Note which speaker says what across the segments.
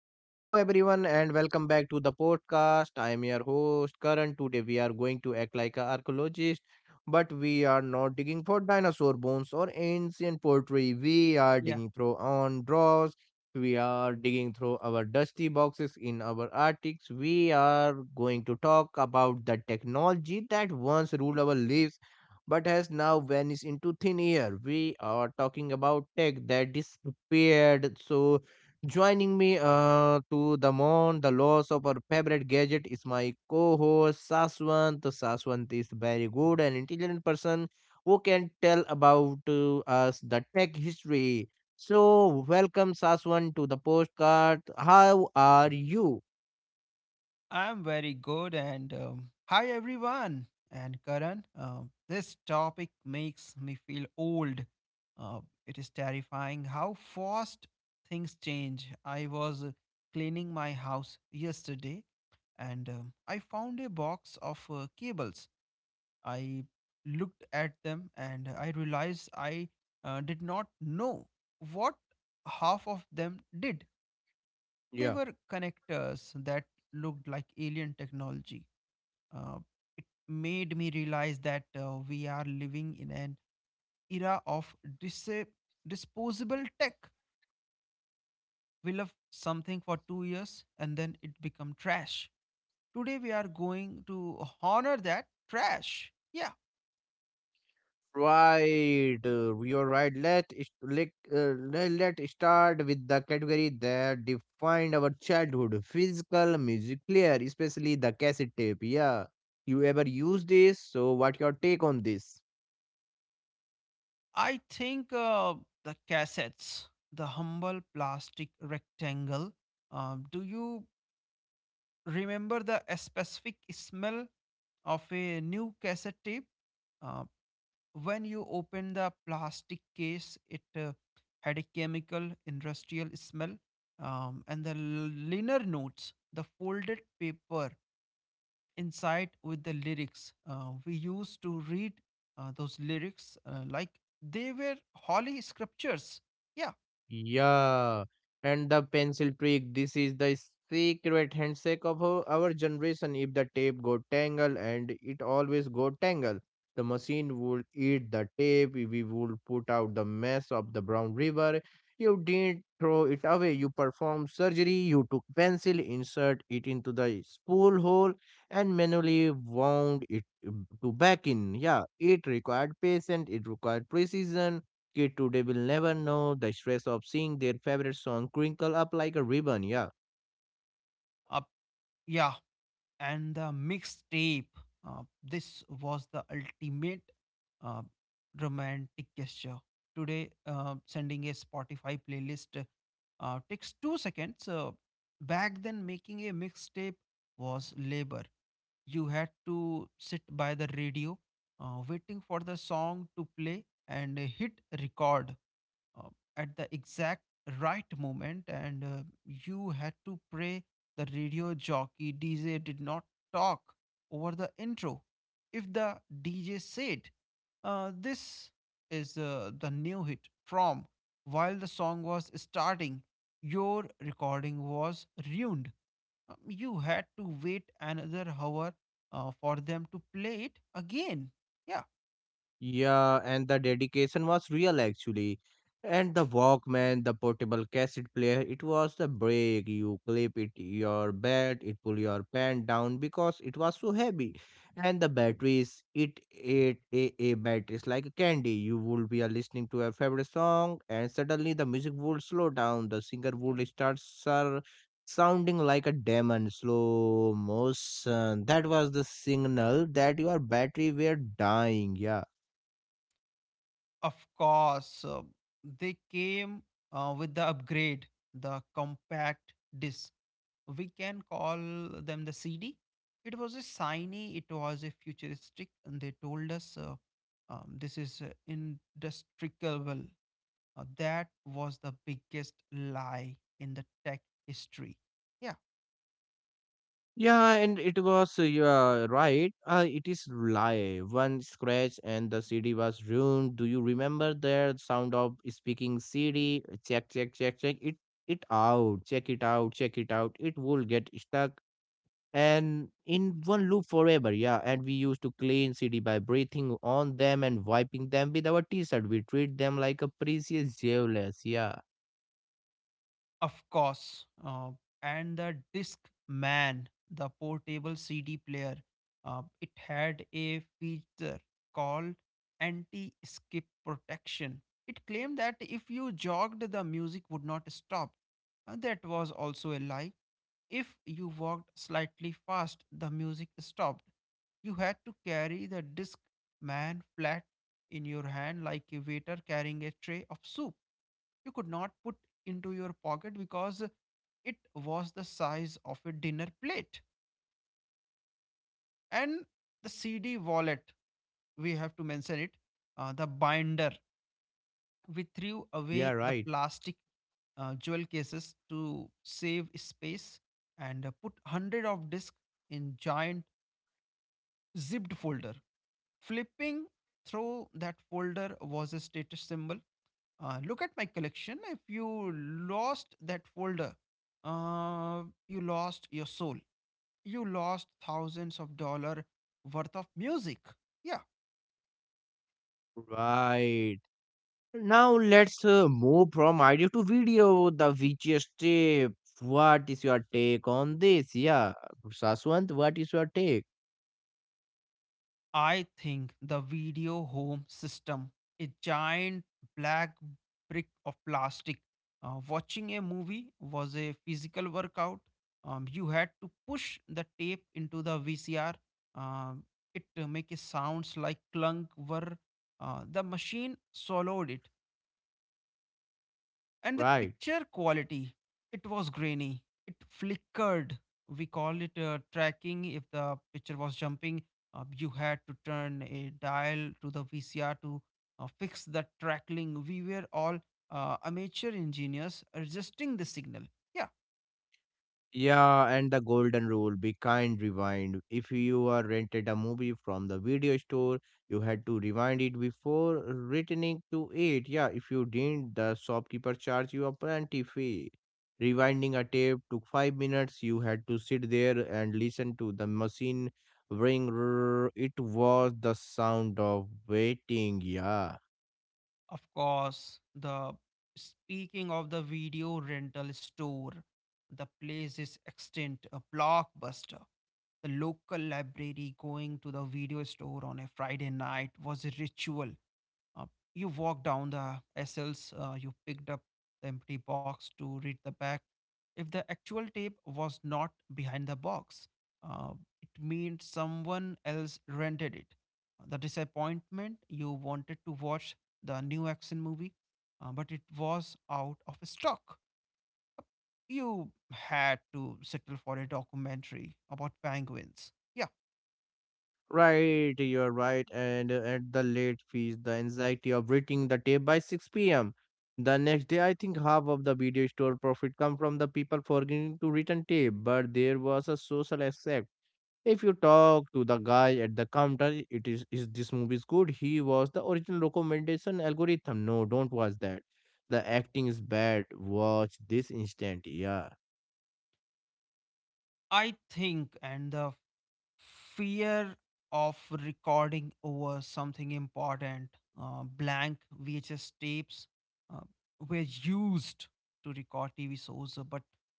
Speaker 1: Hello, everyone, and welcome back to the podcast. I am your host, Karan. Today, we are going to act like an archaeologist, but we are not digging for dinosaur bones or ancient pottery. We are
Speaker 2: Yeah,
Speaker 1: digging through on drawers. We are digging through our dusty boxes in our attics. We are going to talk about the technology that once ruled our lives but has now vanished into thin air. We are talking about tech that disappeared so. Joining me to the mourn the loss of our favorite gadget is my co-host Saswant. Saswant is very good and intelligent person who can tell about us the tech history. So welcome Saswant to the postcard. How are you?
Speaker 2: I'm very good. And Hi, everyone. And Karan, this topic makes me feel old. Uh, it is terrifying how fast things change. I was cleaning my house yesterday and I found a box of cables. I looked at them and I realized I did not know what half of them did. They
Speaker 1: Yeah.
Speaker 2: were connectors that looked like alien technology. Uh, Made me realize that we are living in an era of disposable tech. We love something for 2 years and then it become trash. Today we are going to honor that trash. Yeah,
Speaker 1: Right, you're right. Let us let let let start with the category that defined our childhood: physical music player, especially the cassette tape. Yeah, you ever use this? So, what your take on this?
Speaker 2: I think the cassettes, the humble plastic rectangle. Do you remember the specific smell of a new cassette tape. Uh, when you open the plastic case, it had a chemical industrial smell, and the liner notes, the folded paper inside with the lyrics. We used to read those lyrics like they were holy scriptures. Yeah,
Speaker 1: Yeah, and the pencil trick. This is the secret handshake of our generation. If the tape go tangle, and it always go tangle, the machine would eat the tape. We would put out the mess of the brown river. You didn't throw it away. You performed surgery. You took pencil, insert it into the spool hole, and manually wound it to back in. Yeah, it required patience. It required precision. Kid today will never know the stress of seeing their favorite song crinkle up like a ribbon. Yeah.
Speaker 2: uh, yeah, and the mixtape. This was the ultimate uh, romantic gesture. Today, sending a Spotify playlist takes 2 seconds. Back then, making a mixtape was labor. You had to sit by the radio, waiting for the song to play and hit record uh, at the exact right moment, and you had to pray the radio jockey dj did not talk over the intro. If the dj said this is the new hit from, while the song was starting, your recording was ruined. You had to wait another hour for them to play it again, yeah.
Speaker 1: Yeah, and the dedication was real actually. And the Walkman, the portable cassette player, it was the break. You clip it your bed, it pull your pant down because it was so heavy. And the batteries, it ate a batteries like a candy. You would be listening to your favorite song, and suddenly the music would slow down. The singer would start sir, sounding like a demon, slow motion. That was the signal that your battery were dying. Yeah.
Speaker 2: Of course, they came with the upgrade, the compact disc. We can call them the CD. It was a shiny, it was a futuristic, and they told us this is indestructible. That was the biggest lie in the tech history.
Speaker 1: Yeah, and it was, yeah, right. It is live. One scratch and the CD was ruined. Do you remember the sound of speaking CD? Check, check, check, check it out. Check it out, check it out. It will get stuck and in one loop forever. Yeah, and we used to clean CD by breathing on them and wiping them with our T-shirt. We treat them like a precious jewels. Yeah,
Speaker 2: Of course. And the disc man, the portable CD player, it had a feature called anti skip protection. It claimed that if you jogged, the music would not stop. That was also a lie. If you walked slightly fast, the music stopped. You had to carry the disc man flat in your hand like a waiter carrying a tray of soup. You could not put into your pocket because it was the size of a dinner plate. And the CD wallet, we have to mention it, the binder. We threw
Speaker 1: yeah,
Speaker 2: away the
Speaker 1: right,
Speaker 2: plastic jewel cases to save space and put 100 of discs in giant zipped folder. Flipping through that folder was a status symbol. Look at my collection. If you lost that folder, uh, you lost your soul. You lost thousands of dollar worth of music. Yeah,
Speaker 1: right. Now let's move from idea to video, the VGS tape. What is your take on this? Yeah, Saswant, what is your take?
Speaker 2: I think the video home system, a giant black brick of plastic. Watching a movie was a physical workout. You had to push the tape into the VCR. Um, it make a sounds like clunk were the machine swallowed it. And the
Speaker 1: Right.
Speaker 2: picture quality, it was grainy. It flickered. We call it tracking. If the picture was jumping, you had to turn a dial to the VCR to fix the trackling. We were all amateur engineers resisting the signal. Yeah.
Speaker 1: Yeah, and the golden rule be kind, rewind. If you are rented a movie from the video store, you had to rewind it before returning to it. Yeah, if you didn't, the shopkeeper charged you a plenty fee. Rewinding a tape took 5 minutes. You had to sit there and listen to the machine ring. Rrrr. It was the sound of waiting. Yeah.
Speaker 2: Of course, the speaking of the video rental store, the place is extinct, a blockbuster. The local library going to the video store on a Friday night was a ritual. Uh, you walk down the aisles. You picked up the empty box to read the back. If the actual tape was not behind the box, uh, it meant someone else rented it. The disappointment, you wanted to watch the new action movie, but it was out of stock. You had to settle for a documentary about penguins. Yeah,
Speaker 1: Right, you're right. And at the late fees, the anxiety of reaching the tape by 6 p.m. the next day, I think half of the video store profit come from the people forgetting to return tape, but there was a social aspect. If you talk to the guy at the counter, it is this movie is good? He was the original recommendation algorithm. No, don't watch that. The acting is bad. Watch this instant. Yeah.
Speaker 2: I think, and the fear of recording over something important. Blank VHS tapes uh, were used to record TV shows, but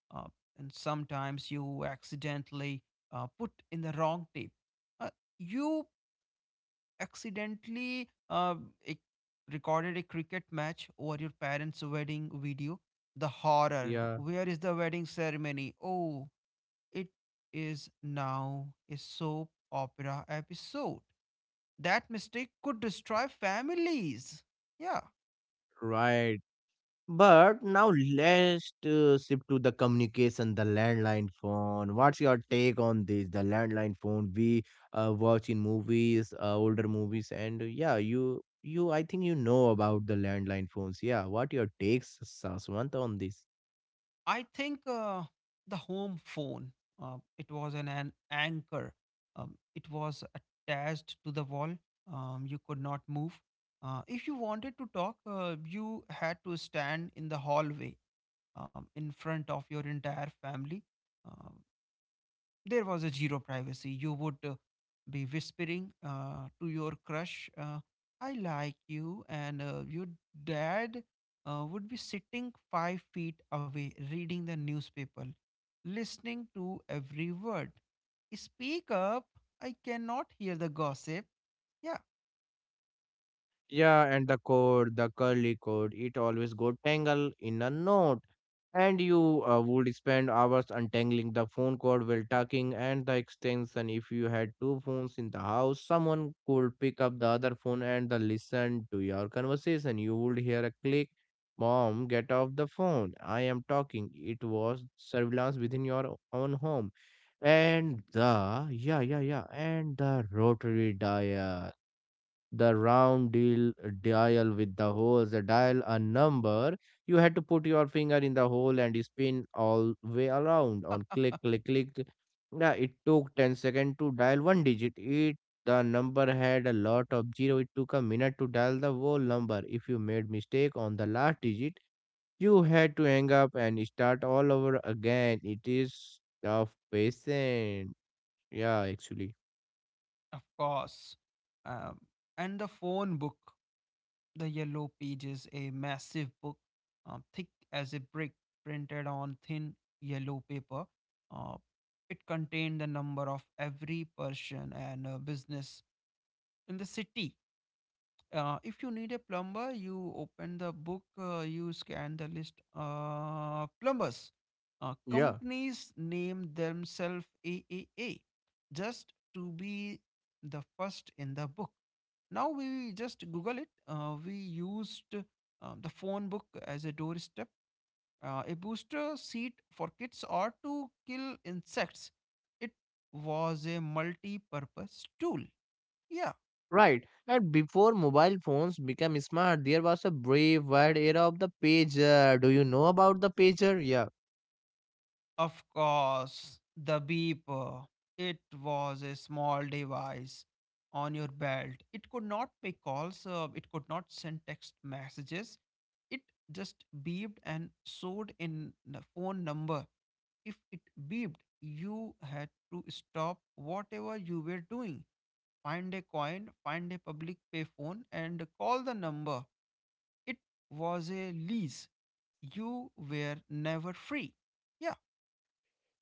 Speaker 2: uh, and sometimes you accidentally put in the wrong tape. Uh, you accidentally e- recorded a cricket match over your parents' wedding video. The horror.
Speaker 1: Yeah.
Speaker 2: Where is the wedding ceremony? Oh, it is now a soap opera episode. That mistake could destroy families. Yeah,
Speaker 1: Right. But now let's shift to the communication, the landline phone. What's your take on this? The landline phone we watch in movies, older movies, and yeah, you I think you know about the landline phones. Yeah, what your takes, Saswant, on this?
Speaker 2: I think the home phone. It was an anchor. It was attached to the wall. You could not move. If you wanted to talk, you had to stand in the hallway in front of your entire family. Um there was a zero privacy. You would be whispering to your crush, I like you. And your dad would be sitting 5 feet away, reading the newspaper, listening to every word. Speak up. I cannot hear the gossip. Yeah,
Speaker 1: Yeah, and the cord, the curly cord, it always go tangle in a knot. And you would spend hours untangling the phone cord while talking and the extension. If you had two phones in the house, someone could pick up the other phone and the listen to your conversation. You would hear a click, Mom, get off the phone. I am talking. It was surveillance within your own home. And the, yeah, yeah, yeah, and the rotary dial, the round deal dial with the holes the dial a number. You had to put your finger in the hole and spin all way around on click click click. Yeah, it took 10 seconds to dial one digit. It The number had a lot of zero, it took a minute to dial the whole number. If you made mistake on the last digit, you had to hang up and start all over again. It is of patient, yeah actually.
Speaker 2: of course. Um, and the phone book. The Yellow Page is a massive book, thick as a brick, printed on thin yellow paper. Uh, it contained the number of every person and business in the city. If you need a plumber, you open the book, you scan the list. Plumbers.
Speaker 1: Yeah.
Speaker 2: Companies name themselves AAA just to be the first in the book. Now we just Google it. We used the phone book as a doorstep, a booster seat for kids or to kill insects. It was a multi purpose tool. Yeah,
Speaker 1: Right. And before mobile phones became smart, there was a brave wide era of the pager. Do you know about the pager? Yeah.
Speaker 2: of course, the beeper. It was a small device on your belt. It could not make calls, it could not send text messages. It just beeped and showed in the phone number. If it beeped, you had to stop whatever you were doing, find a coin, find a public payphone, and call the number. It was a lease. You were never free. Yeah,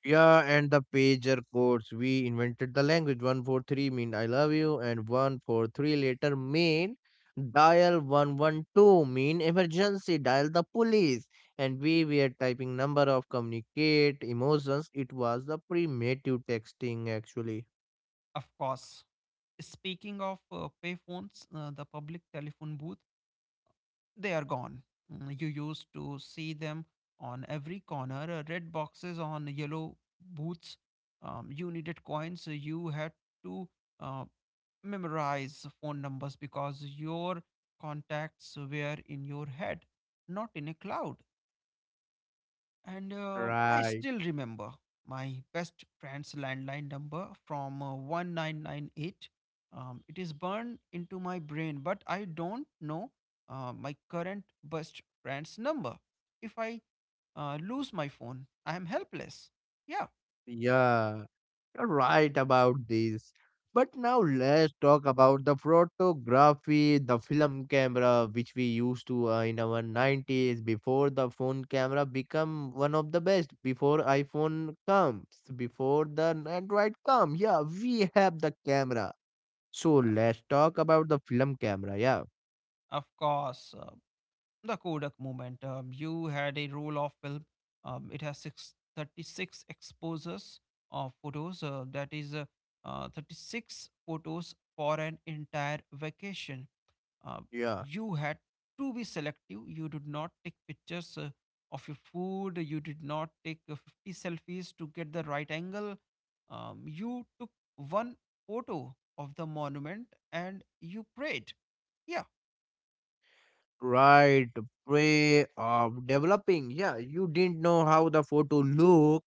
Speaker 1: Yeah, and the pager codes. We invented the language. 143 mean I love you, and 143 later mean dial. 112 mean emergency, dial the police. And we were typing number of communicate emotions. It was the primitive texting actually.
Speaker 2: of course. Speaking of payphones, the public telephone booth, they are gone. You used to see them on every corner, red boxes on yellow booths. You needed coins. You had to uh, memorize phone numbers because your contacts were in your head, not in a cloud. And I
Speaker 1: Right.
Speaker 2: still remember my best friend's landline number from 1998. It is burned into my brain, but I don't know my current best friend's number. If I lose my phone, I am helpless. Yeah,
Speaker 1: Yeah, you're right about this. But now let's talk about the photography, the film camera, which we used to in our 90s before the phone camera become one of the best, before iPhone comes, before the Android come. Yeah, we have the camera. So
Speaker 2: of
Speaker 1: let's talk about the film camera. Yeah.
Speaker 2: of course. The Kodak moment. You had a roll of film. It has 36 exposures of photos. That is 36 photos for an entire vacation. Uh,
Speaker 1: Yeah.
Speaker 2: you had to be selective. You did not take pictures of your food. You did not take 50 selfies to get the right angle. You took one photo of the monument and you prayed. Yeah.
Speaker 1: Right, way of developing. Yeah, you didn't know how the photo look,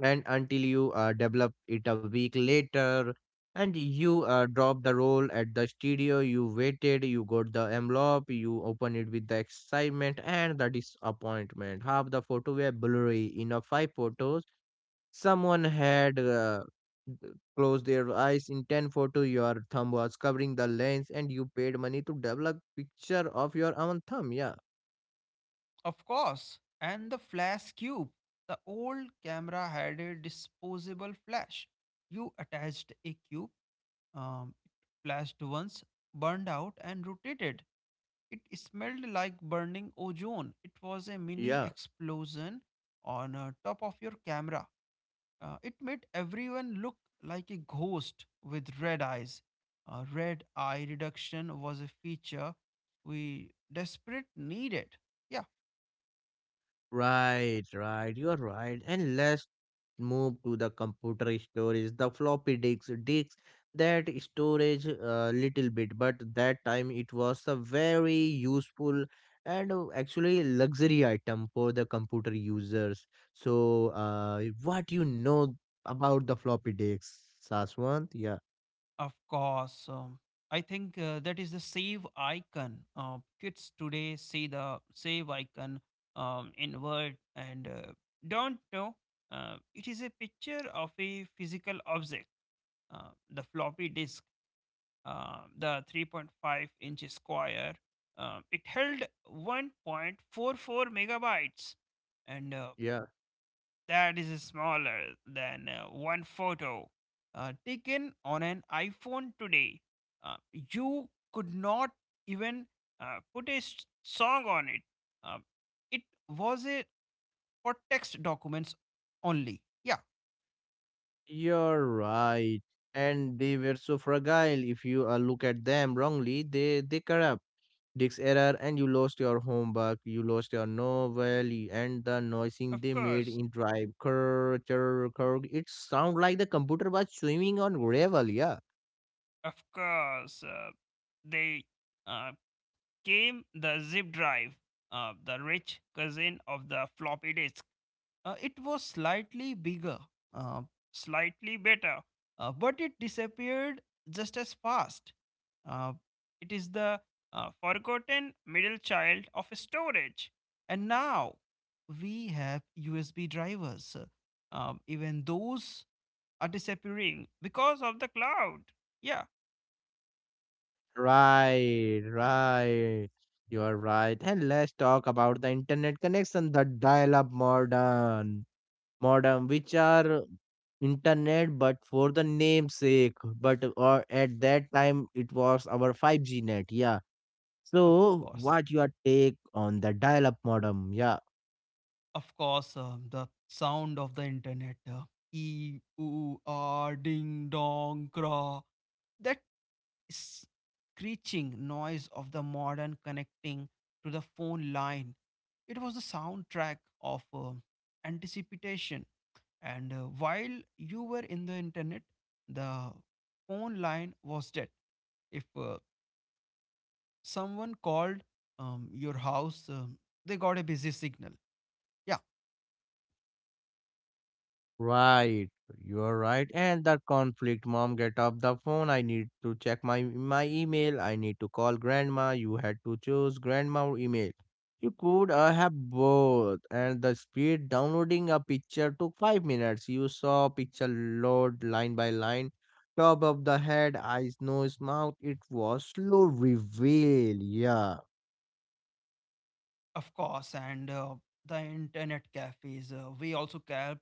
Speaker 1: and until you develop it a week later, and you drop the roll at the studio. You waited, you got the envelope, you open it with the excitement and the disappointment. Half the photo were blurry. In a five photos, someone had closed their eyes in 10 photo. Your thumb was covering the lens, and you paid money to develop picture of your own thumb. Yeah,
Speaker 2: Of course, and the flash cube. The old camera had a disposable flash. You attached a cube, it flashed once, burned out, and rotated. It smelled like burning ozone. It was a mini
Speaker 1: yeah.
Speaker 2: explosion on top of your camera. It made everyone look like a ghost with red eyes. Red eye reduction was a feature we desperate needed. Yeah.
Speaker 1: Right, right. You're right. And let's move to the computer storage, the floppy disks, disks that storage a little bit, but that time it was a very useful and actually luxury item for the computer users. So, what you know about the floppy disks, Saswant? Yeah,
Speaker 2: Of course. I think that is the save icon. Kids today see the save icon in Word and don't know. It is a picture of a physical object, the floppy disk, the 3.5-inch square. It held 1.44 megabytes. And
Speaker 1: yeah,
Speaker 2: that is smaller than one photo taken on an iPhone today. You could not even put a song on it. Uh, it was a for text documents only. Yeah,
Speaker 1: you're right. And they were so fragile. If you look at them wrongly, they corrupt. Disk error, and you lost your homework, you lost your novel, and the noising
Speaker 2: of
Speaker 1: they made
Speaker 2: course,
Speaker 1: in drive. Kurr, churr, kurr. It sound like the computer was swimming on gravel, yeah.
Speaker 2: of course. They uh, came the zip drive, the rich cousin of the floppy disk. It was slightly bigger, uh, slightly better, but it disappeared just as fast. Uh, it is the forgotten middle child of storage. And now we have USB drivers. Even those are disappearing because of the cloud. Yeah,
Speaker 1: Right, right. You are right. And let's talk about the internet connection, the dial-up modem, modem, which are internet but for the namesake. But or at that time, it was our 5G net, yeah.
Speaker 2: of
Speaker 1: So,
Speaker 2: course.
Speaker 1: what your take on the dial-up modem? Yeah.
Speaker 2: Of course, the sound of the internet. E, oo, ah, ding, dong, craw. That screeching noise of the modern connecting to the phone line. It was the soundtrack of anticipation. And while you were in the internet, the phone line was dead. If someone called your house, they got a busy signal. Yeah.
Speaker 1: Right, you are right. And the conflict, mom, get off the phone. I need to check my email. I need to call grandma. You had to choose grandma or email. You could have both. And the speed downloading a picture took 5 minutes. You saw picture load line by line, top of the head, eyes, nose, mouth. It was slow reveal.
Speaker 2: Of course, and the internet cafes. We also kept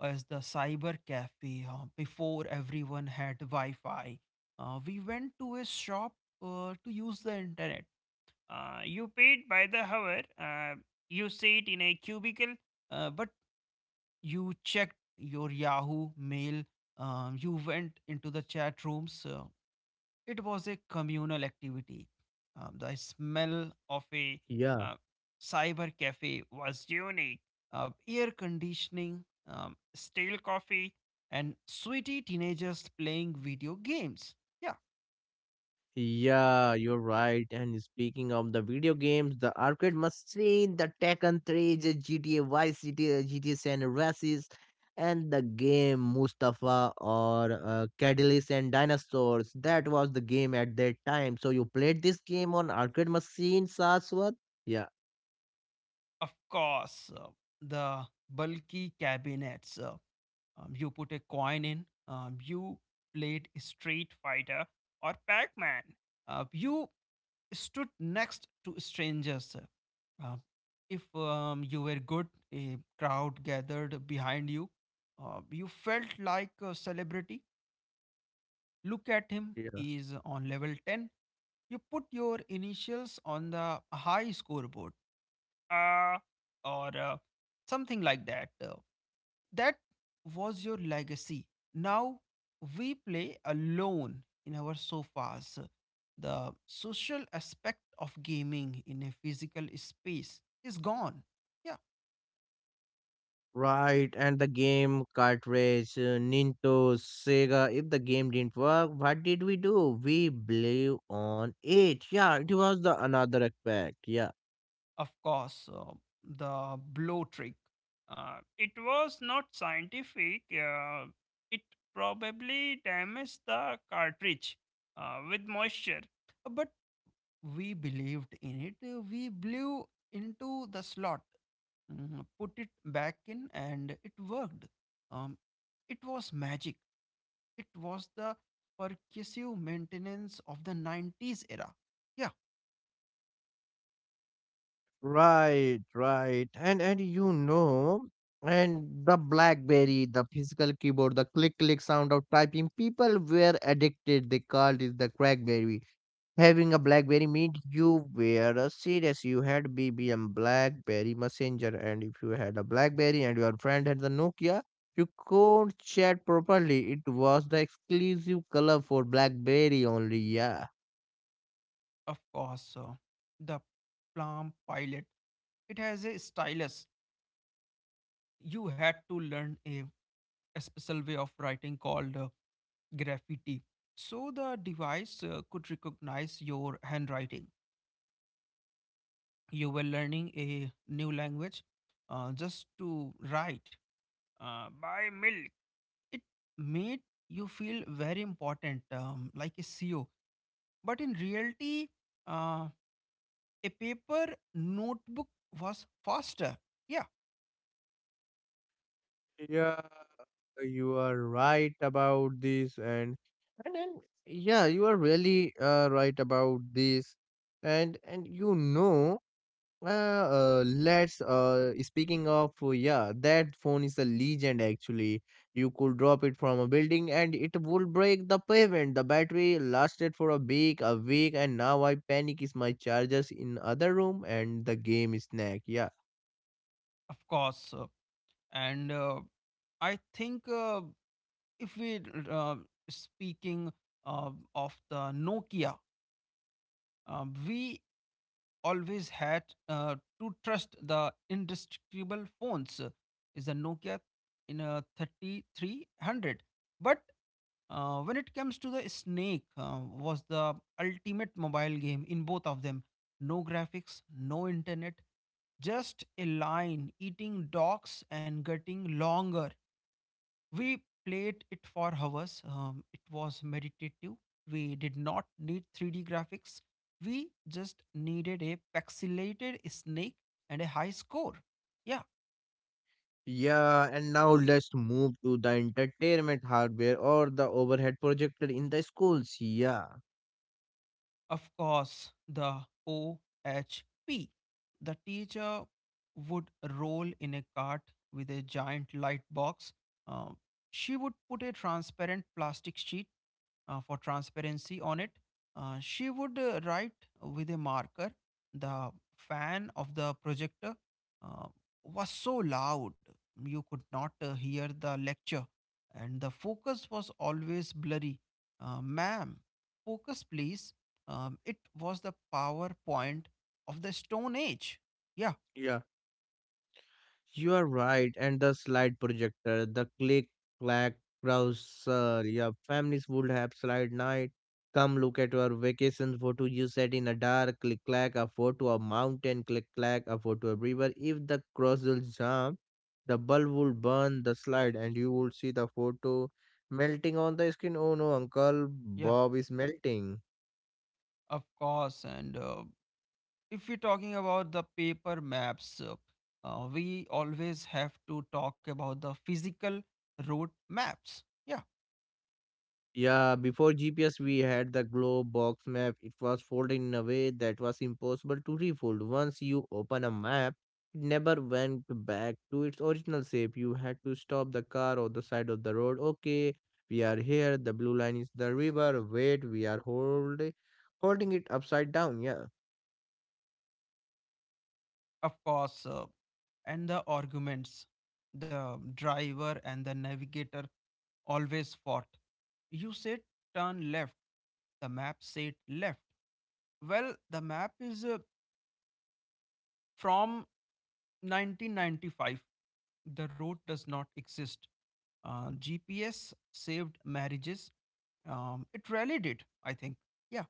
Speaker 2: as the cyber cafe before everyone had Wi-Fi. We went to a shop to use the internet. You paid by the hour. You sit in a cubicle. But you checked your Yahoo mail. You went into the chat rooms. It was a communal activity. The smell of a
Speaker 1: Yeah.
Speaker 2: uh, cyber cafe was unique. Air conditioning, stale coffee, and sweaty teenagers playing video games. Yeah,
Speaker 1: Yeah, you're right. And speaking of the video games, the arcade machine, the Tekken 3, the GTA Vice City, GTA San Andreas, and the game Mustafa or Catalyst and Dinosaurs. That was the game at that time. So you played this game on arcade machine, Saswat? Yeah.
Speaker 2: of course. The bulky cabinets. You put a coin in, you played Street Fighter or Pac Man. You stood next to strangers. Uh, if you were good, a crowd gathered behind you. You felt like a celebrity. Look at him, he is on level 10. You put your initials on the high scoreboard uh, or something like that. That was your legacy. Now we play alone in our sofas. The social aspect of gaming in a physical space is gone. Yeah,
Speaker 1: Right, and the game cartridge, Nintendo, Sega. If the game didn't work, what did we do? We blew on it. Yeah, it was the another aspect. Yeah,
Speaker 2: of course, the blow trick. It was not scientific. It probably damaged the cartridge with moisture. But we believed in it. We blew into the slot. Put it back in and it worked. um, it was magic. It was the percussive maintenance of the 90s era. Yeah,
Speaker 1: right, right, and you know, and the BlackBerry, the physical keyboard, the click click sound of typing. People were addicted. They called it the CrackBerry. Having a BlackBerry meant you were a serious. You had BBM BlackBerry Messenger, and if you had a BlackBerry and your friend had the Nokia, you could chat properly. It was the exclusive color for BlackBerry only. Yeah.
Speaker 2: of course, the plum pilot. It has a stylus. You had to learn a special way of writing called graffiti, so the device could recognize your handwriting. You were learning a new language, just to write, by mill. It made you feel very important, like a ceo, but in reality, uh, a paper notebook was faster. Yeah,
Speaker 1: Yeah, you are right about this, and then, yeah, you are really right about this. And you know, Uh, let's speaking of yeah, that phone is a legend actually. You could drop it from a building and it would break the pavement. The battery lasted for a week, and now I panic is my chargers in other room and the game is snack. Yeah.
Speaker 2: of course. And I think If we, uh, speaking of the nokia, we always had to trust the indestructible phones, is the nokia in a 3300. But when it comes to the Snake, was the ultimate mobile game in both of them. No graphics, no internet, just a line eating dogs and getting longer. We played it for hours. It was meditative. We did not need 3D graphics. We just needed a pixelated snake and a high score. Yeah,
Speaker 1: Yeah, and now let's move to the entertainment hardware or the overhead projector in the schools. Yeah.
Speaker 2: of course, the OHP. The teacher would roll in a cart with a giant light box. Uh, she would put a transparent plastic sheet for transparency on it. She would write with a marker. The fan of the projector uh, was so loud you could not hear the lecture, and the focus was always blurry. Ma'am, focus please, it was the PowerPoint of the Stone Age. Yeah,
Speaker 1: Yeah. You are right, and the slide projector, the click clack browser. Your families would have slide night. Come look at your vacation photo you set in a dark click clack, a photo of mountain click clack, a photo of river. If the crossel jump, the bulb would burn the slide, and you would see the photo melting on the screen. Oh no, Uncle
Speaker 2: yeah,
Speaker 1: Bob is melting.
Speaker 2: of course. And If we're talking about the paper maps, we always have to talk about the physical route maps. Yeah,
Speaker 1: Yeah, before GPS, we had the globe box map. It was folded in a way that was impossible to refold. Once you open a map, it never went back to its original shape. You had to stop the car on the side of the road. Okay, we are here. The blue line is the river. Wait, we are holding it upside down. Yeah.
Speaker 2: of course. And the arguments, the driver and the navigator always fought. You said turn left, the map said left. Well, the map is from 1995, the road does not exist. GPS saved marriages. It really did, I think. Yeah,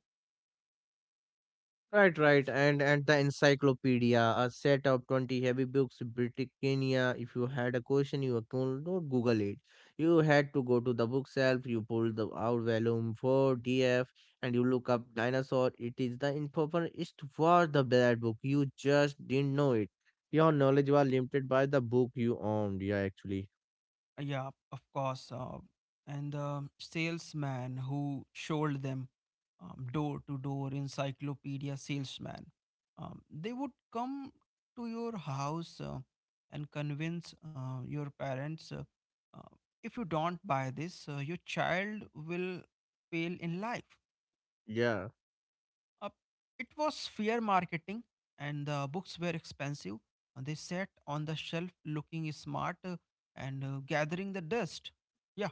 Speaker 1: Right, right, and the encyclopedia, a set of 20 heavy books, Britannia. If you had a question, you could not Google it. You had to go to the bookshelf. You pull the out volume four D-F, and you look up dinosaur. It is the information for the bad book. You just didn't know it. Your knowledge was limited by the book you owned. Yeah, actually.
Speaker 2: yeah, of course. And the salesman who sold them, door to door encyclopedia salesman, they would come to your house and convince your parents, uh, if you don't buy this, your child will fail in life.
Speaker 1: Yeah.
Speaker 2: Uh, it was fair marketing, and the books were expensive. And they sat on the shelf looking smart and gathering the dust. Yeah,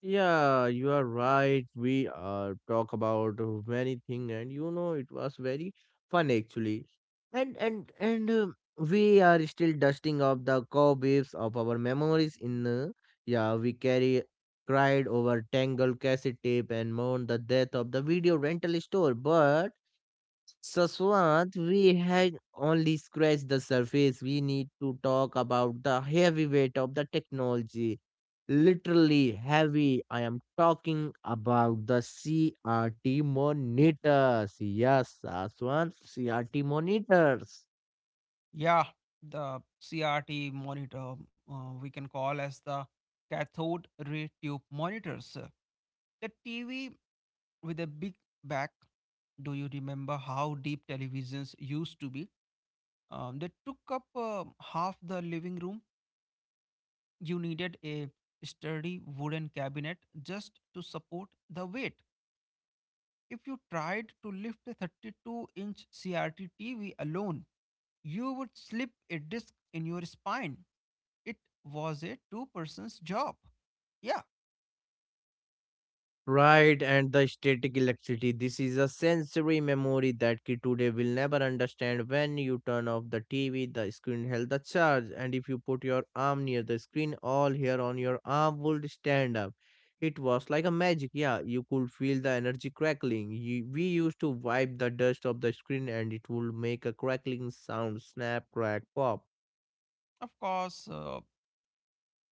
Speaker 1: Yeah, you are right. We talk about many thing, and it was very fun actually. And we are still dusting off the cobwebs of our memories. In Yeah, we carry cried over tangled cassette tape and mourned the death of the video rental store. But Saswat, we had only scratched the surface. We need to talk about the heavy weight of the technology. Literally heavy. I am talking about the CRT monitors. Yes, Saswat, CRT monitors.
Speaker 2: yeah. The CRT monitor, we can call as the cathode ray tube monitors. The TV with a big back. Do you remember how deep televisions used to be? They took up half the living room. You needed a sturdy wooden cabinet just to support the weight. If you tried to lift a 32-inch CRT TV alone, you would slip a disc in your spine. It was a two person's job. Yeah,
Speaker 1: Right, and the static electricity. This is a sensory memory that kid today will never understand. When you turn off the TV, the screen held the charge, and if you put your arm near the screen, all hair on your arm would stand up. It was like a magic. Yeah, you could feel the energy crackling. We used to wipe the dust off the screen, and it would make a crackling sound, snap, crack, pop.
Speaker 2: of course.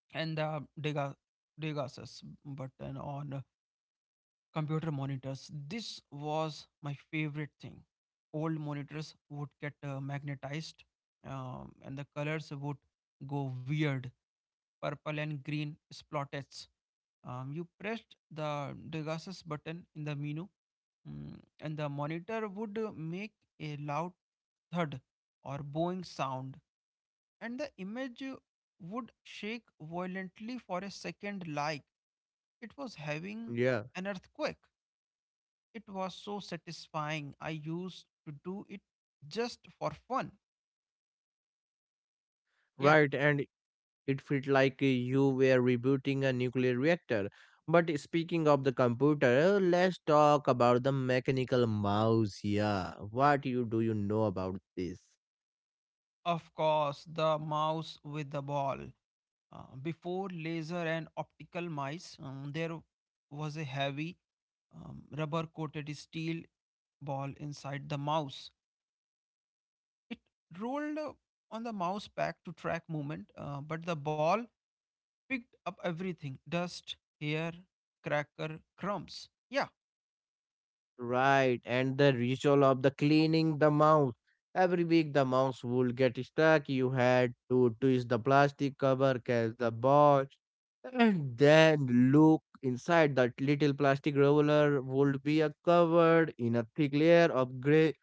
Speaker 2: And the Degasus button on computer monitors. This was my favorite thing. Old monitors would get magnetized, and the colors would go weird, purple and green splotches. You pressed the Degasus button in the menu, and the monitor would make a loud thud or bowing sound, and the image would shake violently for a second, like it was having
Speaker 1: Yeah.
Speaker 2: an earthquake. It was so satisfying. I used to do it just for fun. Yeah,
Speaker 1: Right, and it felt like you were rebooting a nuclear reactor. But speaking of the computer, let's talk about the mechanical mouse. Yeah, what you do you know about this?
Speaker 2: of course, the mouse with the ball. Before laser and optical mice, there was a heavy, rubber coated steel ball inside the mouse. It rolled on the mouse pack to track movement, but the ball picked up everything: dust, hair, cracker, crumbs. Yeah,
Speaker 1: Right, and the ritual of the cleaning the mouse. Every week the mouse would get stuck. You had to twist the plastic cover, catch the ball, and then look inside. That little plastic roller would be covered in a thick layer of gray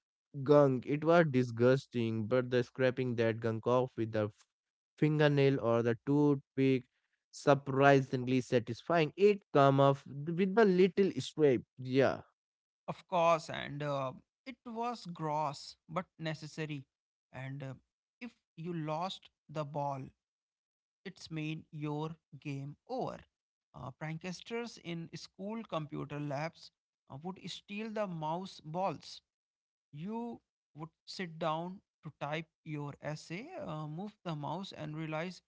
Speaker 1: gunk. It was disgusting, but the scraping that gunk off with the fingernail or the toothpick surprisingly satisfying. It come off with a little scrape. Yeah.
Speaker 2: of course, and it was gross but necessary. And If you lost the ball, it's made your game over. Pranksters in school computer labs would steal the mouse balls. You would sit down to type your essay, move the mouse, and realize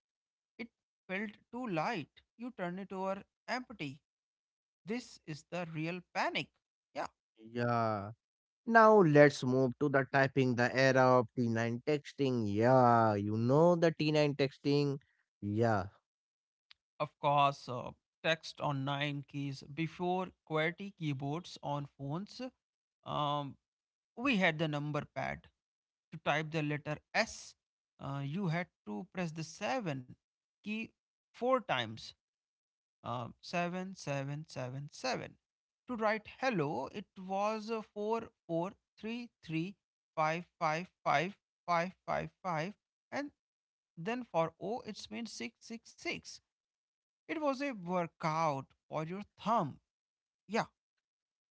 Speaker 2: it felt too light. You turn it over empty. This is the real panic. Yeah.
Speaker 1: Yeah. Now let's move to the typing, the era of T9 texting. Yeah, you know the T9 texting. Yeah.
Speaker 2: Of course, text on nine keys before QWERTY keyboards on phones. Um, we had the number pad to type the letter S. You had to press the seven key four times. Seven, seven, seven, seven. To write hello, it was four, four, three, three, five, five, five, five, five, five, and then for O, it means six, six, six. It was a workout for your thumb. Yeah,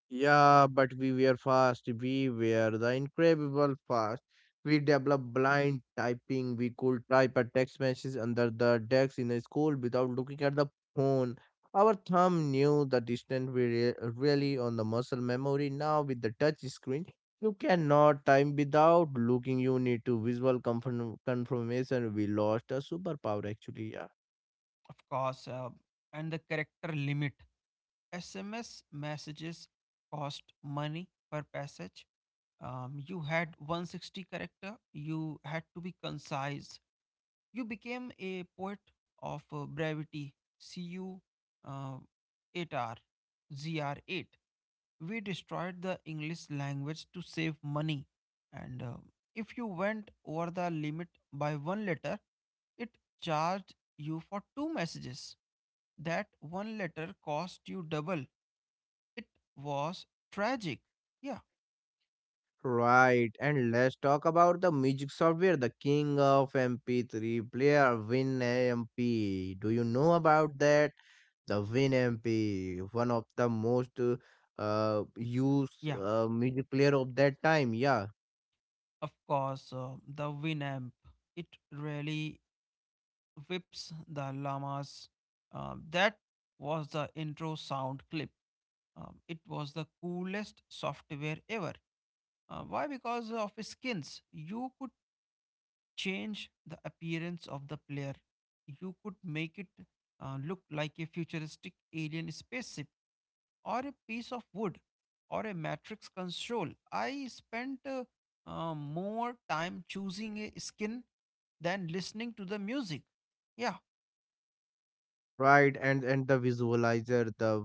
Speaker 1: Yeah, but we were fast. We were the incredible fast. We developed blind typing. We could type a text message under the desk in a school without looking at the phone. Our thumb knew the distance we really on the muscle memory. Now with the touch screen, you cannot time without looking. You need to visual confirmation. We lost a superpower actually. Yeah.
Speaker 2: of course. And the character limit. SMS messages cost money per passage. You had 160 character. You had to be concise. You became a poet of brevity. See you uh, 8 R. Z R 8. We destroyed the English language to save money. And If you went over the limit by one letter, it charged you for two messages. That one letter cost you double. It was tragic. Yeah,
Speaker 1: Right, and let's talk about the music software, the king of MP3 player, WinMP. Do you know about that? The WinMP, one of the most used
Speaker 2: yeah,
Speaker 1: music player of that time. Yeah,
Speaker 2: of course. The Winamp, it really whips the llamas. That was the intro sound clip. It was the coolest software ever. Why? Because of skins. You could change the appearance of the player. You could make it look like a futuristic alien spaceship, or a piece of wood, or a matrix console. I spent more time choosing a skin than listening to the music. Yeah,
Speaker 1: right. and the visualizer, the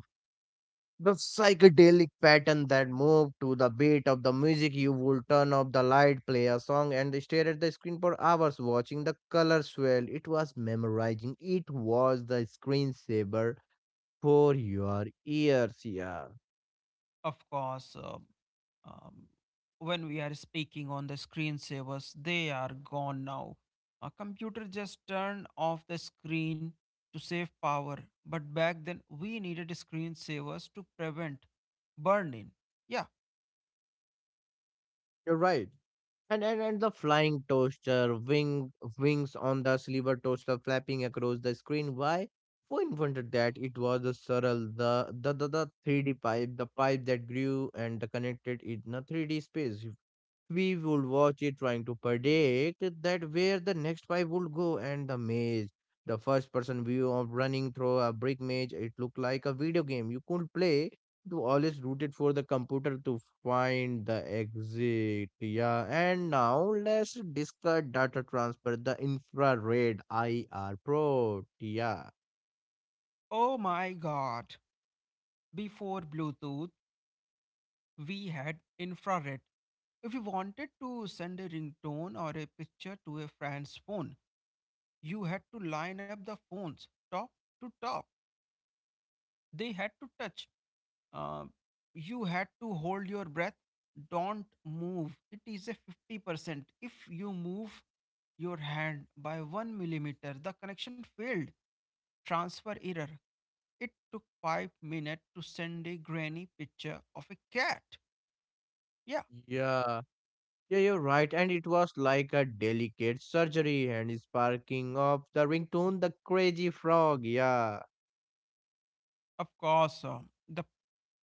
Speaker 1: The psychedelic pattern that moved to the beat of the music. You would turn off the light, play a song, and stare at the screen for hours watching the colors swell. It was memorizing, it was the screensaver for your ears. Yeah,
Speaker 2: of course, um, when we are speaking on the screensavers, they are gone now. A computer just turned off the screen to save power, but back then we needed screensavers to prevent burn in. Yeah,
Speaker 1: you're right. And the flying toaster, wings on the silver toaster flapping across the screen. Why? Who invented that? It was the Surreal, the 3D pipe, the pipe that grew and connected in a 3D space. We would watch it trying to predict that where the next five would go and the maze. The first person view of running through a brick maze, it looked like a video game you could play. You always rooted for the computer to find the exit. Yeah, and now let's discuss data transfer, the infrared IR pro. Yeah.
Speaker 2: oh my god. Before Bluetooth, we had infrared. If you wanted to send a ringtone or a picture to a friend's phone, you had to line up the phones top to top. They had to touch. Uh, you had to hold your breath. Don't move. It is a 50%. If you move your hand by one millimeter, the connection failed. Transfer error. It took 5 minutes to send a grainy picture of a cat. Yeah,
Speaker 1: Yeah. Yeah, you're right. And it was like a delicate surgery and sparking of the ringtone, the crazy frog. Yeah,
Speaker 2: of course. um, the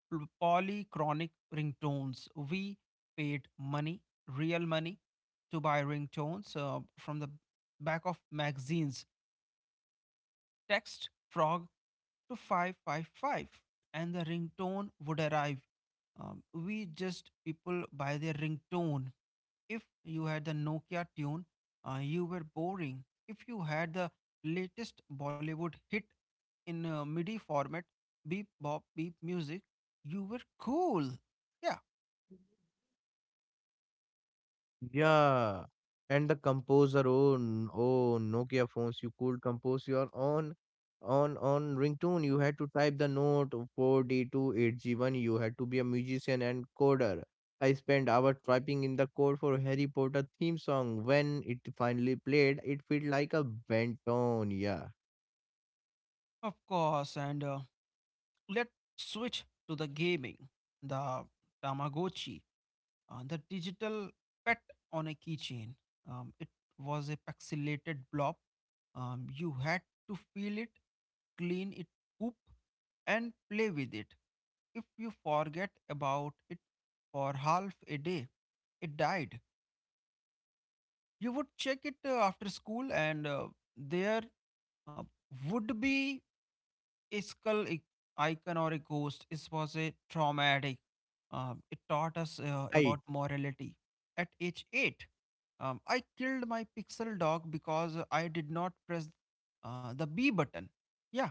Speaker 2: pl- polychronic ringtones. We paid money, real money, to buy ringtones from the back of magazines. Text frog to 555 and the ringtone would arrive. We just people by their ringtone. If you had the Nokia tune, you were boring. If you had the latest Bollywood hit in MIDI format, beep bop beep music, you were cool. Yeah,
Speaker 1: yeah. And the composer, oh, Nokia phones, you could compose your own on ringtone. You had to type the note 4D2 8G1. You had to be a musician and coder. I spent hours typing in the code for Harry Potter theme song. When it finally played, it felt like a bent tone. Yeah,
Speaker 2: of course. And Let's switch to the gaming, the Tamagotchi. The digital pet on a keychain. It was a pixelated blob. You had to feel it, clean it, poop, and play with it. If you forget about it for half a day, it died. You would check it after school, and there uh, would be a icon or a ghost. It was a traumatic. It taught us
Speaker 1: right.
Speaker 2: about morality at age 8. I killed my pixel dog because I did not press the B button. Yeah,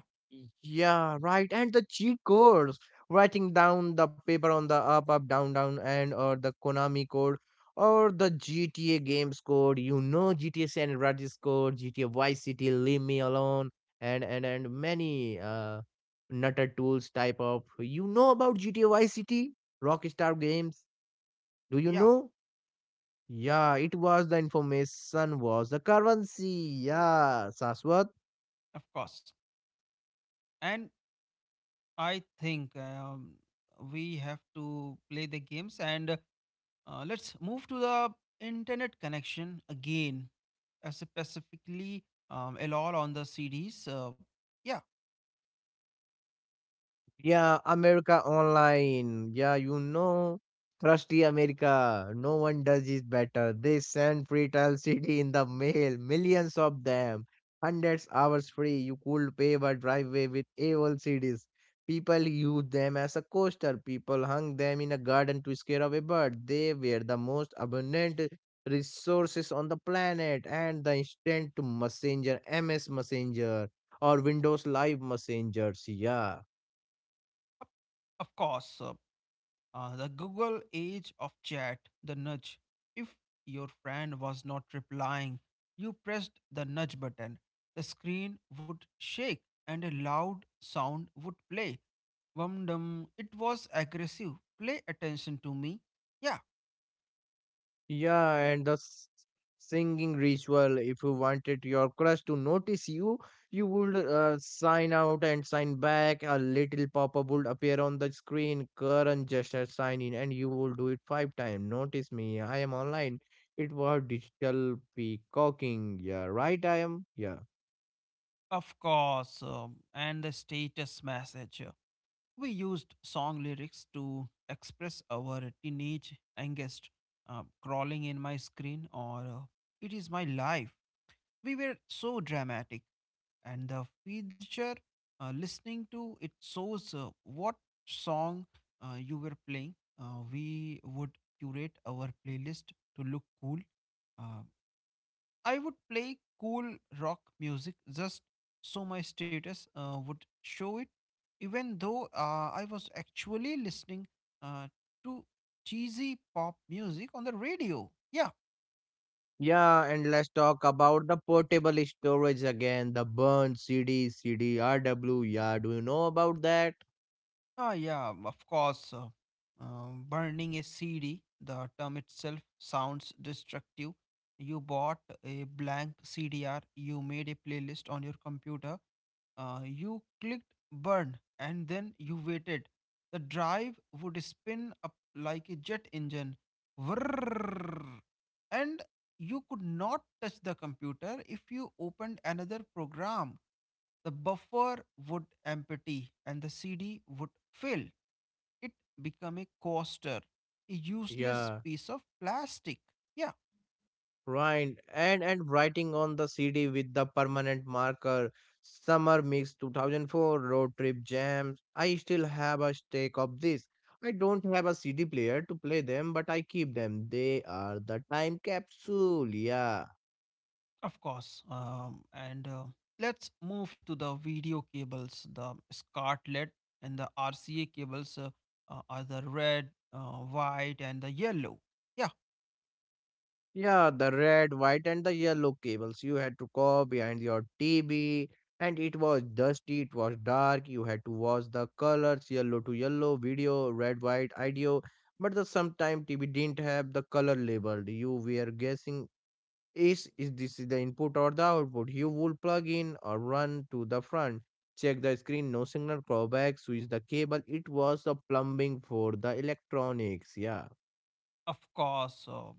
Speaker 1: Yeah, right. And the cheat codes, writing down the paper on the up, up, down, down, and or the Konami code or the GTA games code. You know GTA San Andreas code, GTA Vice City, Leave Me Alone, and many nutter tools type of. You know about GTA Vice City, Rockstar Games? Do you
Speaker 2: yeah,
Speaker 1: know? Yeah, it was the information was the currency. Yeah, Saswat.
Speaker 2: of course. And I think we have to play the games, and let's move to the internet connection again, specifically LOL on the CDs. Yeah,
Speaker 1: Yeah, America Online. Yeah, trusty America. No one does it better. They send free trial CD in the mail, millions of them, hundreds hours free. You could pave a driveway with AOL CDs. People use them as a coaster. People hung them in a garden to scare away birds. They were the most abundant resources on the planet, and the instant messenger, MS Messenger, or Windows Live Messengers. Yeah.
Speaker 2: of of course. The Google age of chat, the nudge. If your friend was not replying, you pressed the nudge button. The screen would shake and a loud sound would play. Wum dum. It was aggressive. Play attention to me. Yeah,
Speaker 1: Yeah, and the singing ritual. If you wanted your crush to notice you, you would sign out and sign back. A little pop up would appear on the screen. Current gesture sign in, and you will do it five times. Notice me, I am online. It was digital peacocking. Yeah, right, I am. Yeah.
Speaker 2: of course. And the status message. We used song lyrics to express our teenage angst, crawling in my screen, or it is my life. We were so dramatic. And the feature, listening to it shows what song you were playing. We would curate our playlist to look cool. uh, I would play cool rock music just so my status would show it, even though I was actually listening uh, to cheesy pop music on the radio. Yeah,
Speaker 1: Yeah, and let's talk about the portable storage again. The burn CD, CD, RW. Yeah, do you know about that?
Speaker 2: ah, yeah, of course. Burning a CD, the term itself sounds destructive. You bought a blank CDR, you made a playlist on your computer, you clicked burn, and then you waited. The drive would spin up like a jet engine. Whirr, and you could not touch the computer. If you opened another program, the buffer would empty and the CD would fill. It become a coaster, a useless
Speaker 1: Yeah.
Speaker 2: piece of plastic. Yeah,
Speaker 1: Right, and writing on the CD with the permanent marker, summer mix 2004 road trip jams. I still have a stack of this. I don't have a CD player to play them, but I keep them. They are the time capsule. Yeah.
Speaker 2: of course. And Let's move to the video cables, the scartlet and the RCA cables are the red, white, and the yellow. Yeah,
Speaker 1: Yeah, the red, white, and the yellow cables you had to go behind your TV. And it was dusty, it was dark, you had to watch the colors yellow to yellow video, red, white, ideo. But the sometime TV didn't have the color labeled. You were guessing is this is the input or the output. You would plug in or run to the front, check the screen, no signal, call back, switch the cable. It was the plumbing for the electronics, yeah.
Speaker 2: of course.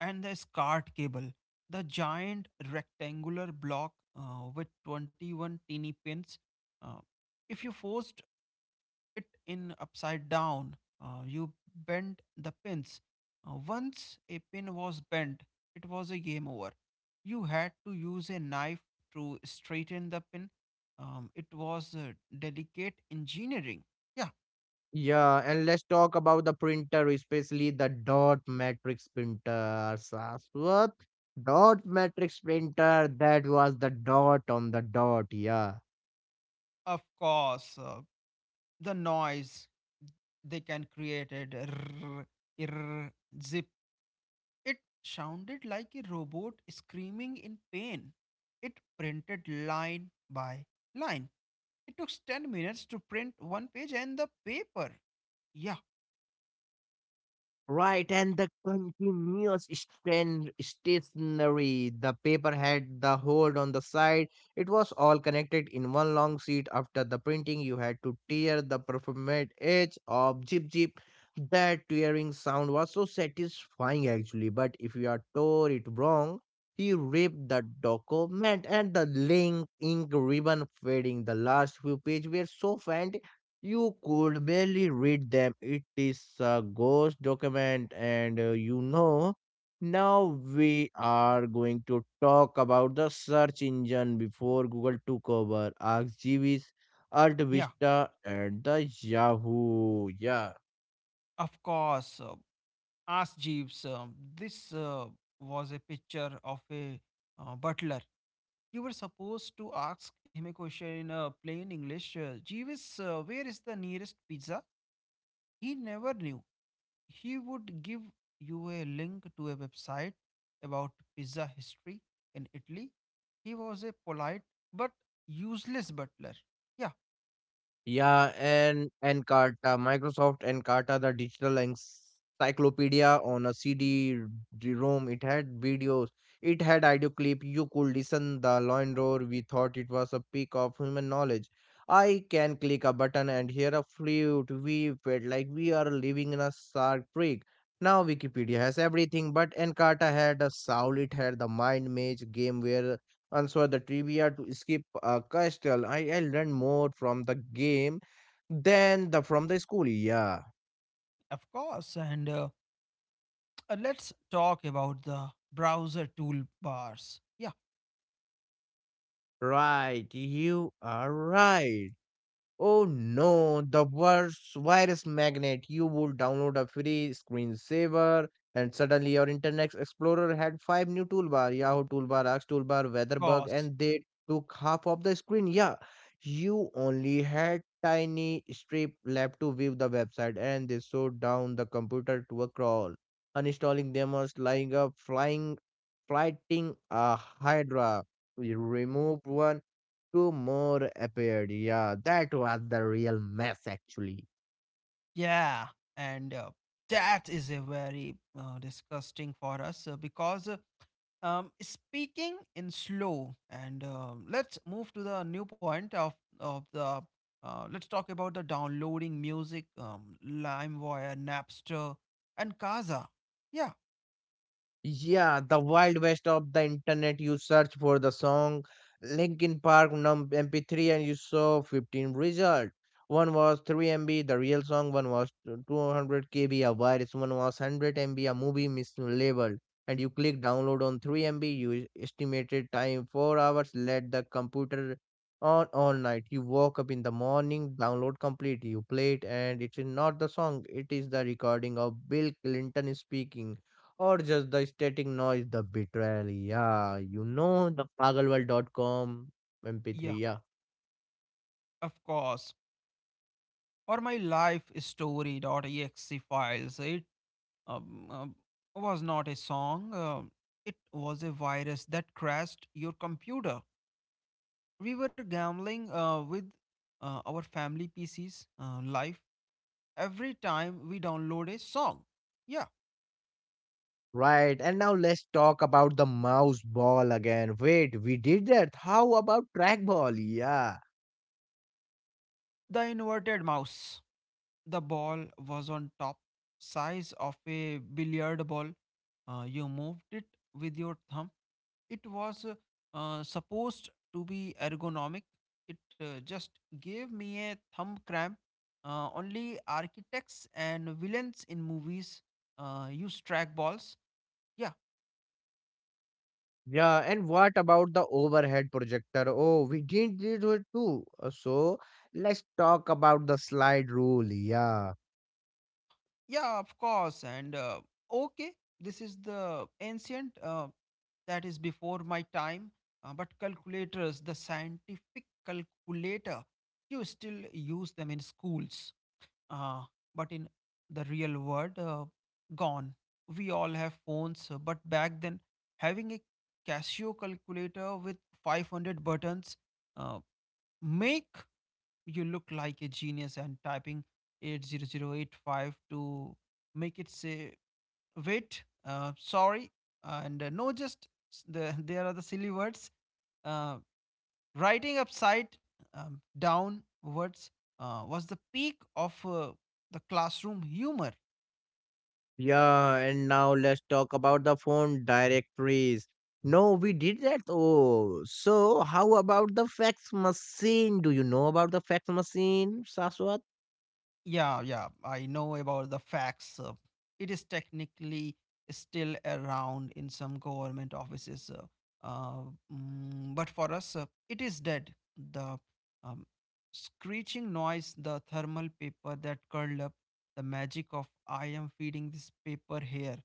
Speaker 2: And the SCART cable, the giant rectangular block with 21 teeny pins. Uh, if you forced it in upside down, you bent the pins. Once a pin was bent, it was a game over. You had to use a knife to straighten the pin. It was delicate engineering. Yeah,
Speaker 1: Yeah, and let's talk about the printer, especially the dot matrix printer. Saswat, dot matrix printer, that was the dot on the dot. Yeah.
Speaker 2: of course. The noise they can create it. Rrr, irr, zip. It sounded like a robot screaming in pain. It printed line by line. It took 10 minutes to print one page and the paper. Yeah,
Speaker 1: Right, and the continuous strand stationery. The paper had the hold on the side. It was all connected in one long sheet. After the printing, you had to tear the perforated edge of jip jip. That tearing sound was so satisfying actually, but if you are tore it wrong, you ripped the document and the link ink ribbon fading. The last few pages were so faint you could barely read them. It is a ghost document, and now we are going to talk about the search engine before Google took over ArcGIS, Alt
Speaker 2: yeah,
Speaker 1: Vista, and the Yahoo. Yeah.
Speaker 2: of course. Ask Jeeves. This was a picture of a butler. You were supposed to ask him a question in plain English. Jeeves, where is the nearest pizza? He never knew. He would give you a link to a website about pizza history in Italy. He was a polite but useless butler. Yeah,
Speaker 1: Yeah, and Encarta, Microsoft Encarta, the digital encyclopedia on a CD ROM. It had videos, it had audio clip. You could listen the lion roar. We thought it was a peak of human knowledge. I can click a button and hear a flute. We felt like we are living in a shark creek. Now Wikipedia has everything, but Encarta had a soul. It had the mind maze game where answer the trivia to escape a castle. I learned more from the game than the from the school. Yeah,
Speaker 2: of course. And let's talk about the browser toolbars. Yeah,
Speaker 1: right. You are right. Oh no, the worst virus magnet. You would download a free screensaver, and suddenly your Internet Explorer had five new toolbar, Yahoo toolbar, Axe toolbar,
Speaker 2: of
Speaker 1: Weatherbug,
Speaker 2: course.
Speaker 1: and they took half of the screen. Yeah, you only had tiny strip left to view the website, and they slowed down the computer to a crawl, uninstalling them or lying up, flying, fighting a Hydra. We removed one. Two more appeared. Yeah, that was the real mess actually.
Speaker 2: Yeah, and that is a very disgusting for us because speaking in slow, and let's move to the new point of the. Let's talk about the downloading music, LimeWire, Napster, and Kaza. Yeah,
Speaker 1: Yeah, the wild west of the internet. You search for the song Linkin Park num MP3 and you saw 15 result. One was 3 MB, the real song. One was 200 KB, a virus. One was 100 MB, a movie mislabeled. And you click download on 3 MB. You estimated time 4 hours. Let the computer on all night. You woke up in the morning, download complete. You play it, and it is not the song. It is the recording of Bill Clinton speaking or just the static noise, the betrayal. Yeah, you know the pagalworld.com
Speaker 2: yeah,
Speaker 1: MP3. Yeah,
Speaker 2: of course. Or my life story.exe files. It um, um, was not a song. It was a virus that crashed your computer. We were gambling with our family PCs, life every time we download a song. Yeah,
Speaker 1: right. And now let's talk about the mouse ball again. Wait, we did that. How about trackball? Yeah.
Speaker 2: the inverted mouse. The ball was on top, size of a billiard ball. You moved it with your thumb. It was supposed to be ergonomic. It just gave me a thumb cramp. Only architects and villains in movies use trackballs. Yeah,
Speaker 1: Yeah, and what about the overhead projector? Oh, we didn't do it too. So let's talk about the slide rule. Yeah.
Speaker 2: Yeah, of course. And Okay, this is the ancient that is before my time. But calculators, the scientific calculator, you still use them in schools. Uh, but in the real world, gone. We all have phones, but back then, having a Casio calculator with 500 buttons uh, make you look like a genius and typing 80085 to make it say, wait, sorry. And no, just the, there are the silly words. Uh, Writing upside down words was the peak of the classroom humor.
Speaker 1: Yeah, and now let's talk about the phone directories. No, we did that. Oh, so how about the fax machine? Do you know about the fax machine, Saswat?
Speaker 2: Yeah, I know about the facts. It is technically still around in some government offices, uh, mm, but for us, it is dead. The um, screeching noise, the thermal paper that curled up, the magic of I am feeding this paper here,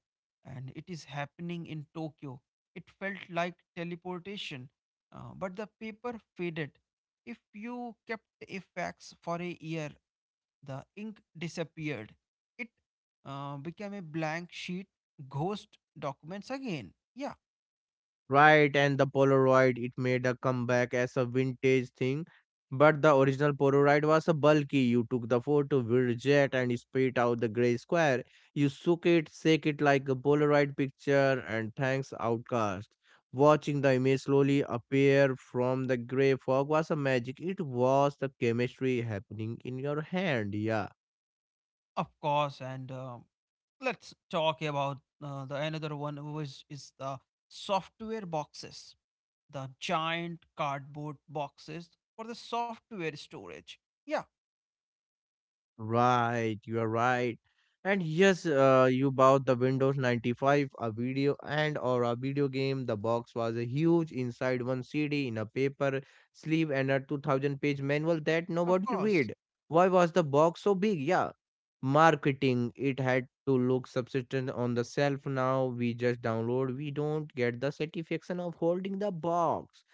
Speaker 2: and it is happening in Tokyo. It felt like teleportation, but the paper faded. If you kept a fax for a year, the ink disappeared. It became a blank sheet, ghost documents again. Yeah,
Speaker 1: Right, and the Polaroid, it made a comeback as a vintage thing. But the original Polaroid was a bulky. You took the photo, with jet, and spit out the gray square. You shook it, shake it like a Polaroid picture, and thanks, outcast. Watching the image slowly appear from the gray fog was a magic. It was the chemistry happening in your hand, yeah.
Speaker 2: of course. And let's talk about the another one which is the software boxes, the giant cardboard boxes for the software storage. Yeah,
Speaker 1: Right, you are right. And yes, you bought the Windows 95, a video and or a video game. The box was a huge inside one CD in a paper sleeve and a 2000 page manual that
Speaker 2: of
Speaker 1: nobody
Speaker 2: course,
Speaker 1: read. Why was the box so big? Yeah. Marketing, it had to look subsistent on the shelf now. We just download, we don't get the satisfaction of holding the box.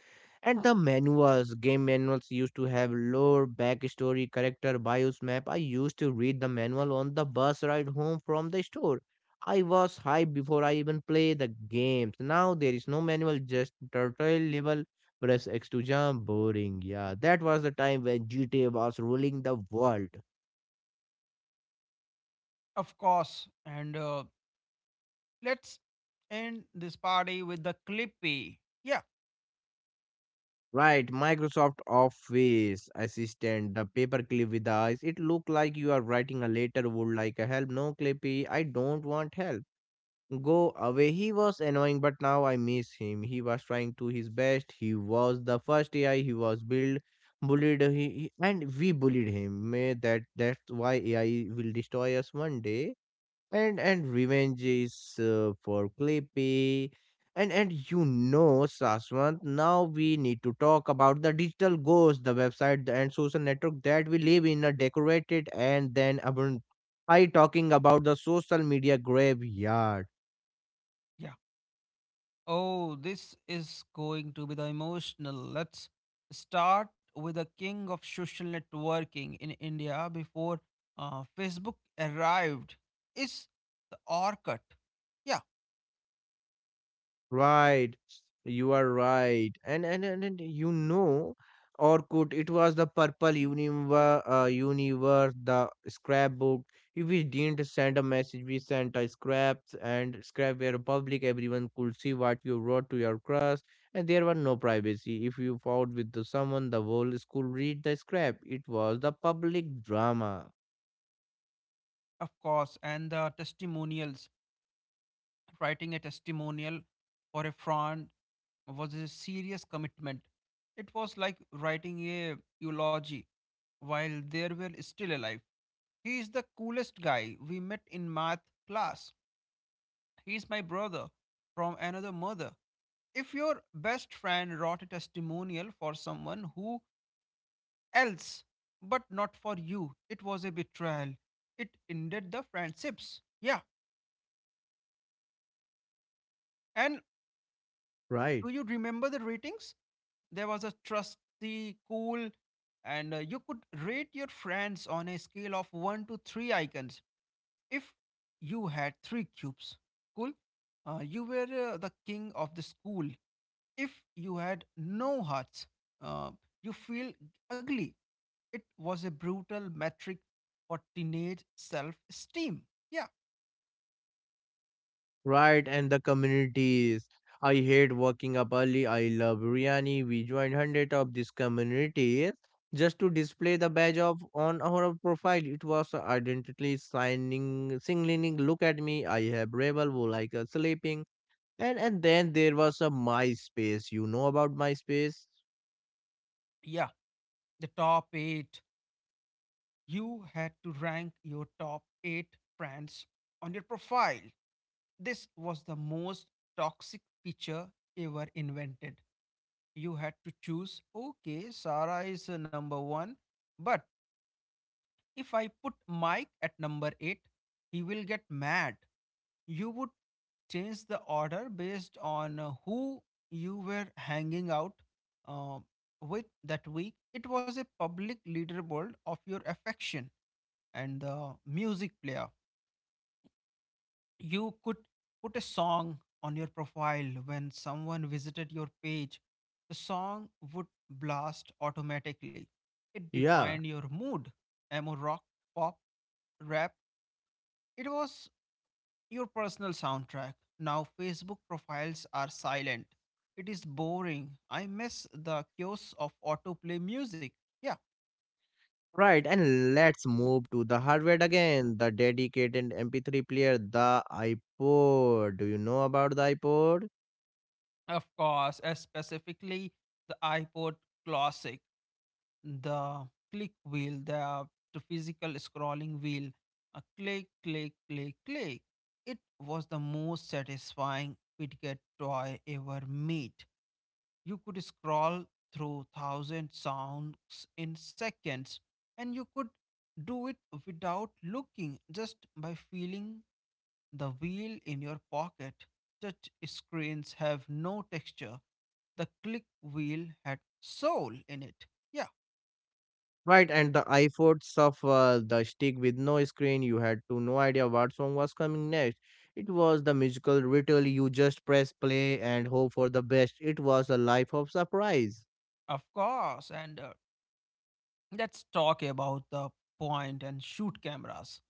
Speaker 1: And the manuals, game manuals used to have lore, backstory, character, bios, map. I used to read the manual on the bus ride home from the store. I was hyped before I even play the games. Now there is no manual, just turtle level, press X to jump, boring. Yeah, that was the time when GTA was ruling the world.
Speaker 2: of course. And let's end this party with the Clippy. Yeah.
Speaker 1: Right, Microsoft Office Assistant, the paperclip with the eyes. It looked like you are writing a letter would like a help. No, Clippy, I don't want help. Go away. He was annoying, but now I miss him. He was trying to his best. He was the first AI. He was built, bullied, and we bullied him. May that's why AI will destroy us one day. And revenge is for Clippy. And you know, Saswant, now we need to talk about the digital ghost, the website and social network that we live in a decorated and then abandoned. I talking about the social media graveyard.
Speaker 2: Yeah. Oh, this is going to be the emotional. Let's start with the king of social networking in India before Facebook arrived. Is the Orkut? Yeah,
Speaker 1: Right. You are right. And you know, Orkut, it was the purple universe, the scrapbook. If we didn't send a message, we sent a scraps and scrap were public. Everyone could see what you wrote to your crush, and there was no privacy. If you fought with the someone, the whole school read the scrap. It was the public drama,
Speaker 2: of course. And the testimonials. Writing a testimonial for a friend was a serious commitment. It was like writing a eulogy while they were still alive. He is the coolest guy we met in math class. He's my brother from another mother. If your best friend wrote a testimonial for someone who else, but not for you, it was a betrayal. It ended the friendships. Yeah. And
Speaker 1: right?
Speaker 2: do you remember the ratings? There was a trusty, cool, and you could rate your friends on a scale of 1 to 3 icons. If you had 3 cubes, cool, you were the king of the school. If you had no hearts, uh, you feel ugly. It was a brutal metric for teenage self esteem. Yeah,
Speaker 1: Right, and the communities. I hate waking up early. I love biryani. We joined hundred of these communities just to display the badge of on our profile. It was identity signing, signaling. Look at me. I have rebel who like sleeping. And then there was a MySpace. You know about MySpace?
Speaker 2: yeah. The top eight. You had to rank your top eight friends on your profile. This was the most toxic feature ever invented. You had to choose, okay, Sarah is number one, but if I put Mike at number 8, he will get mad. You would change the order based on who you were hanging out uh, with that week. It was a public leaderboard of your affection and the music player. You could put a song on your profile when someone visited your page. The song would blast automatically. It
Speaker 1: Yeah.
Speaker 2: defined your mood. Emo rock, pop, rap, it was your personal soundtrack. Now Facebook profiles are silent. It is boring. I miss the chaos of autoplay music. Yeah,
Speaker 1: Right, and let's move to the hardware again. The dedicated MP3 player, the iPod. Do you know about the iPod?
Speaker 2: of course, specifically the iPod Classic, the click wheel, the physical scrolling wheel. A click, click, click, click. It was the most satisfying fidget toy ever made. You could scroll through thousand songs in seconds and you could do it without looking just by feeling the wheel in your pocket. Touch screens have no texture. The click wheel had soul in it. Yeah,
Speaker 1: Right, and the efforts of the stick with no screen, you had to no idea what song was coming next. It was the musical ritual, you just press play and hope for the best. It was a life of surprise.
Speaker 2: of course. And Let's talk about the point and shoot cameras.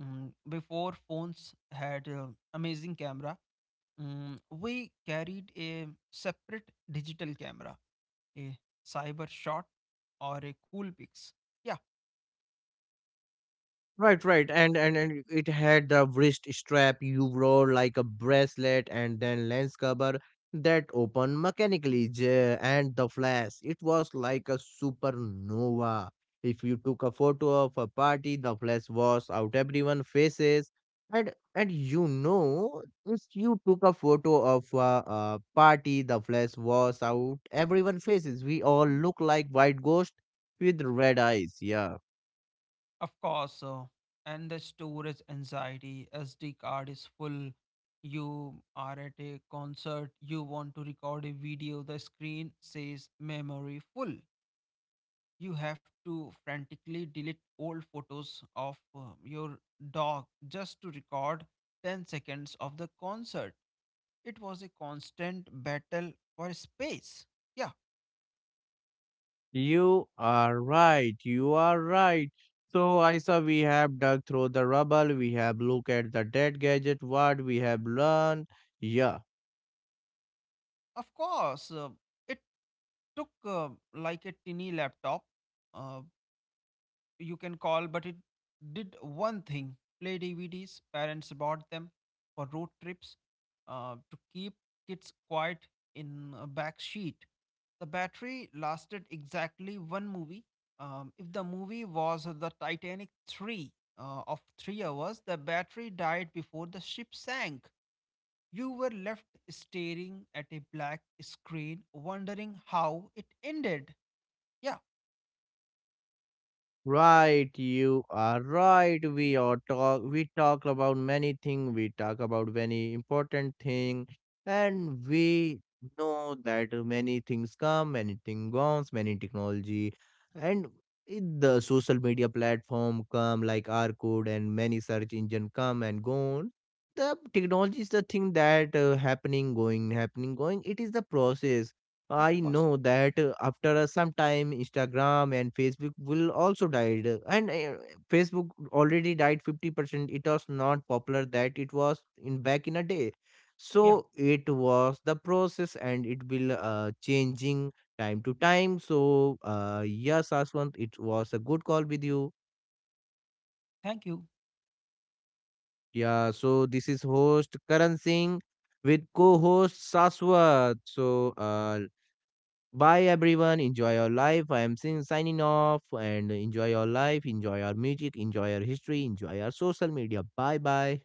Speaker 2: Mm, before phones had amazing camera, mm, we carried a separate digital camera, a cyber shot, or a cool pics. Yeah,
Speaker 1: Right, right, and it had the wrist strap you wore like a bracelet, and then lens cover that opened mechanically, and the flash. It was like a supernova. If you took a photo of a party, the flash was out everyone's faces, and you know, if you took a photo of a party, the flash was out everyone's faces. We all look like white ghosts with red eyes. Yeah.
Speaker 2: of course. And the storage anxiety, SD card is full. You are at a concert, you want to record a video, the screen says memory full. You have to frantically delete old photos of your dog just to record 10 seconds of the concert. It was a constant battle for space. Yeah,
Speaker 1: You are right. You are right. So, Aisa, we have dug through the rubble. We have looked at the dead gadget. What we have learned. Yeah.
Speaker 2: of course. It took like a tiny laptop, uh, you can call, but it did one thing play DVDs. Parents bought them for road trips to keep kids quiet in a back seat. The battery lasted exactly one movie. If the movie was the Titanic 3 of 3 hours, the battery died before the ship sank. You were left staring at a black screen, wondering how it ended. Yeah,
Speaker 1: Right, you are right. We talk about many things, we talk about many important thing and we know that many things come, many things goes, many technology and the social media platform come like R code and many search engine come and gone. The technology is the thing that happening, going, happening, going. It is the process.
Speaker 2: of
Speaker 1: I
Speaker 2: course.
Speaker 1: know that after some time, Instagram and Facebook will also died, and Facebook already died 50%. It was not popular that it was in back in a day,
Speaker 2: Yeah,
Speaker 1: so it was the process, and it will changing time to time. So yes, Aswant, it was a good call with you.
Speaker 2: thank you.
Speaker 1: Yeah, so this is host Karan Singh with co-host Saswat. So bye everyone. Enjoy your life. I am signing off and enjoy your life, enjoy your music, enjoy your history, enjoy your social media. Bye bye.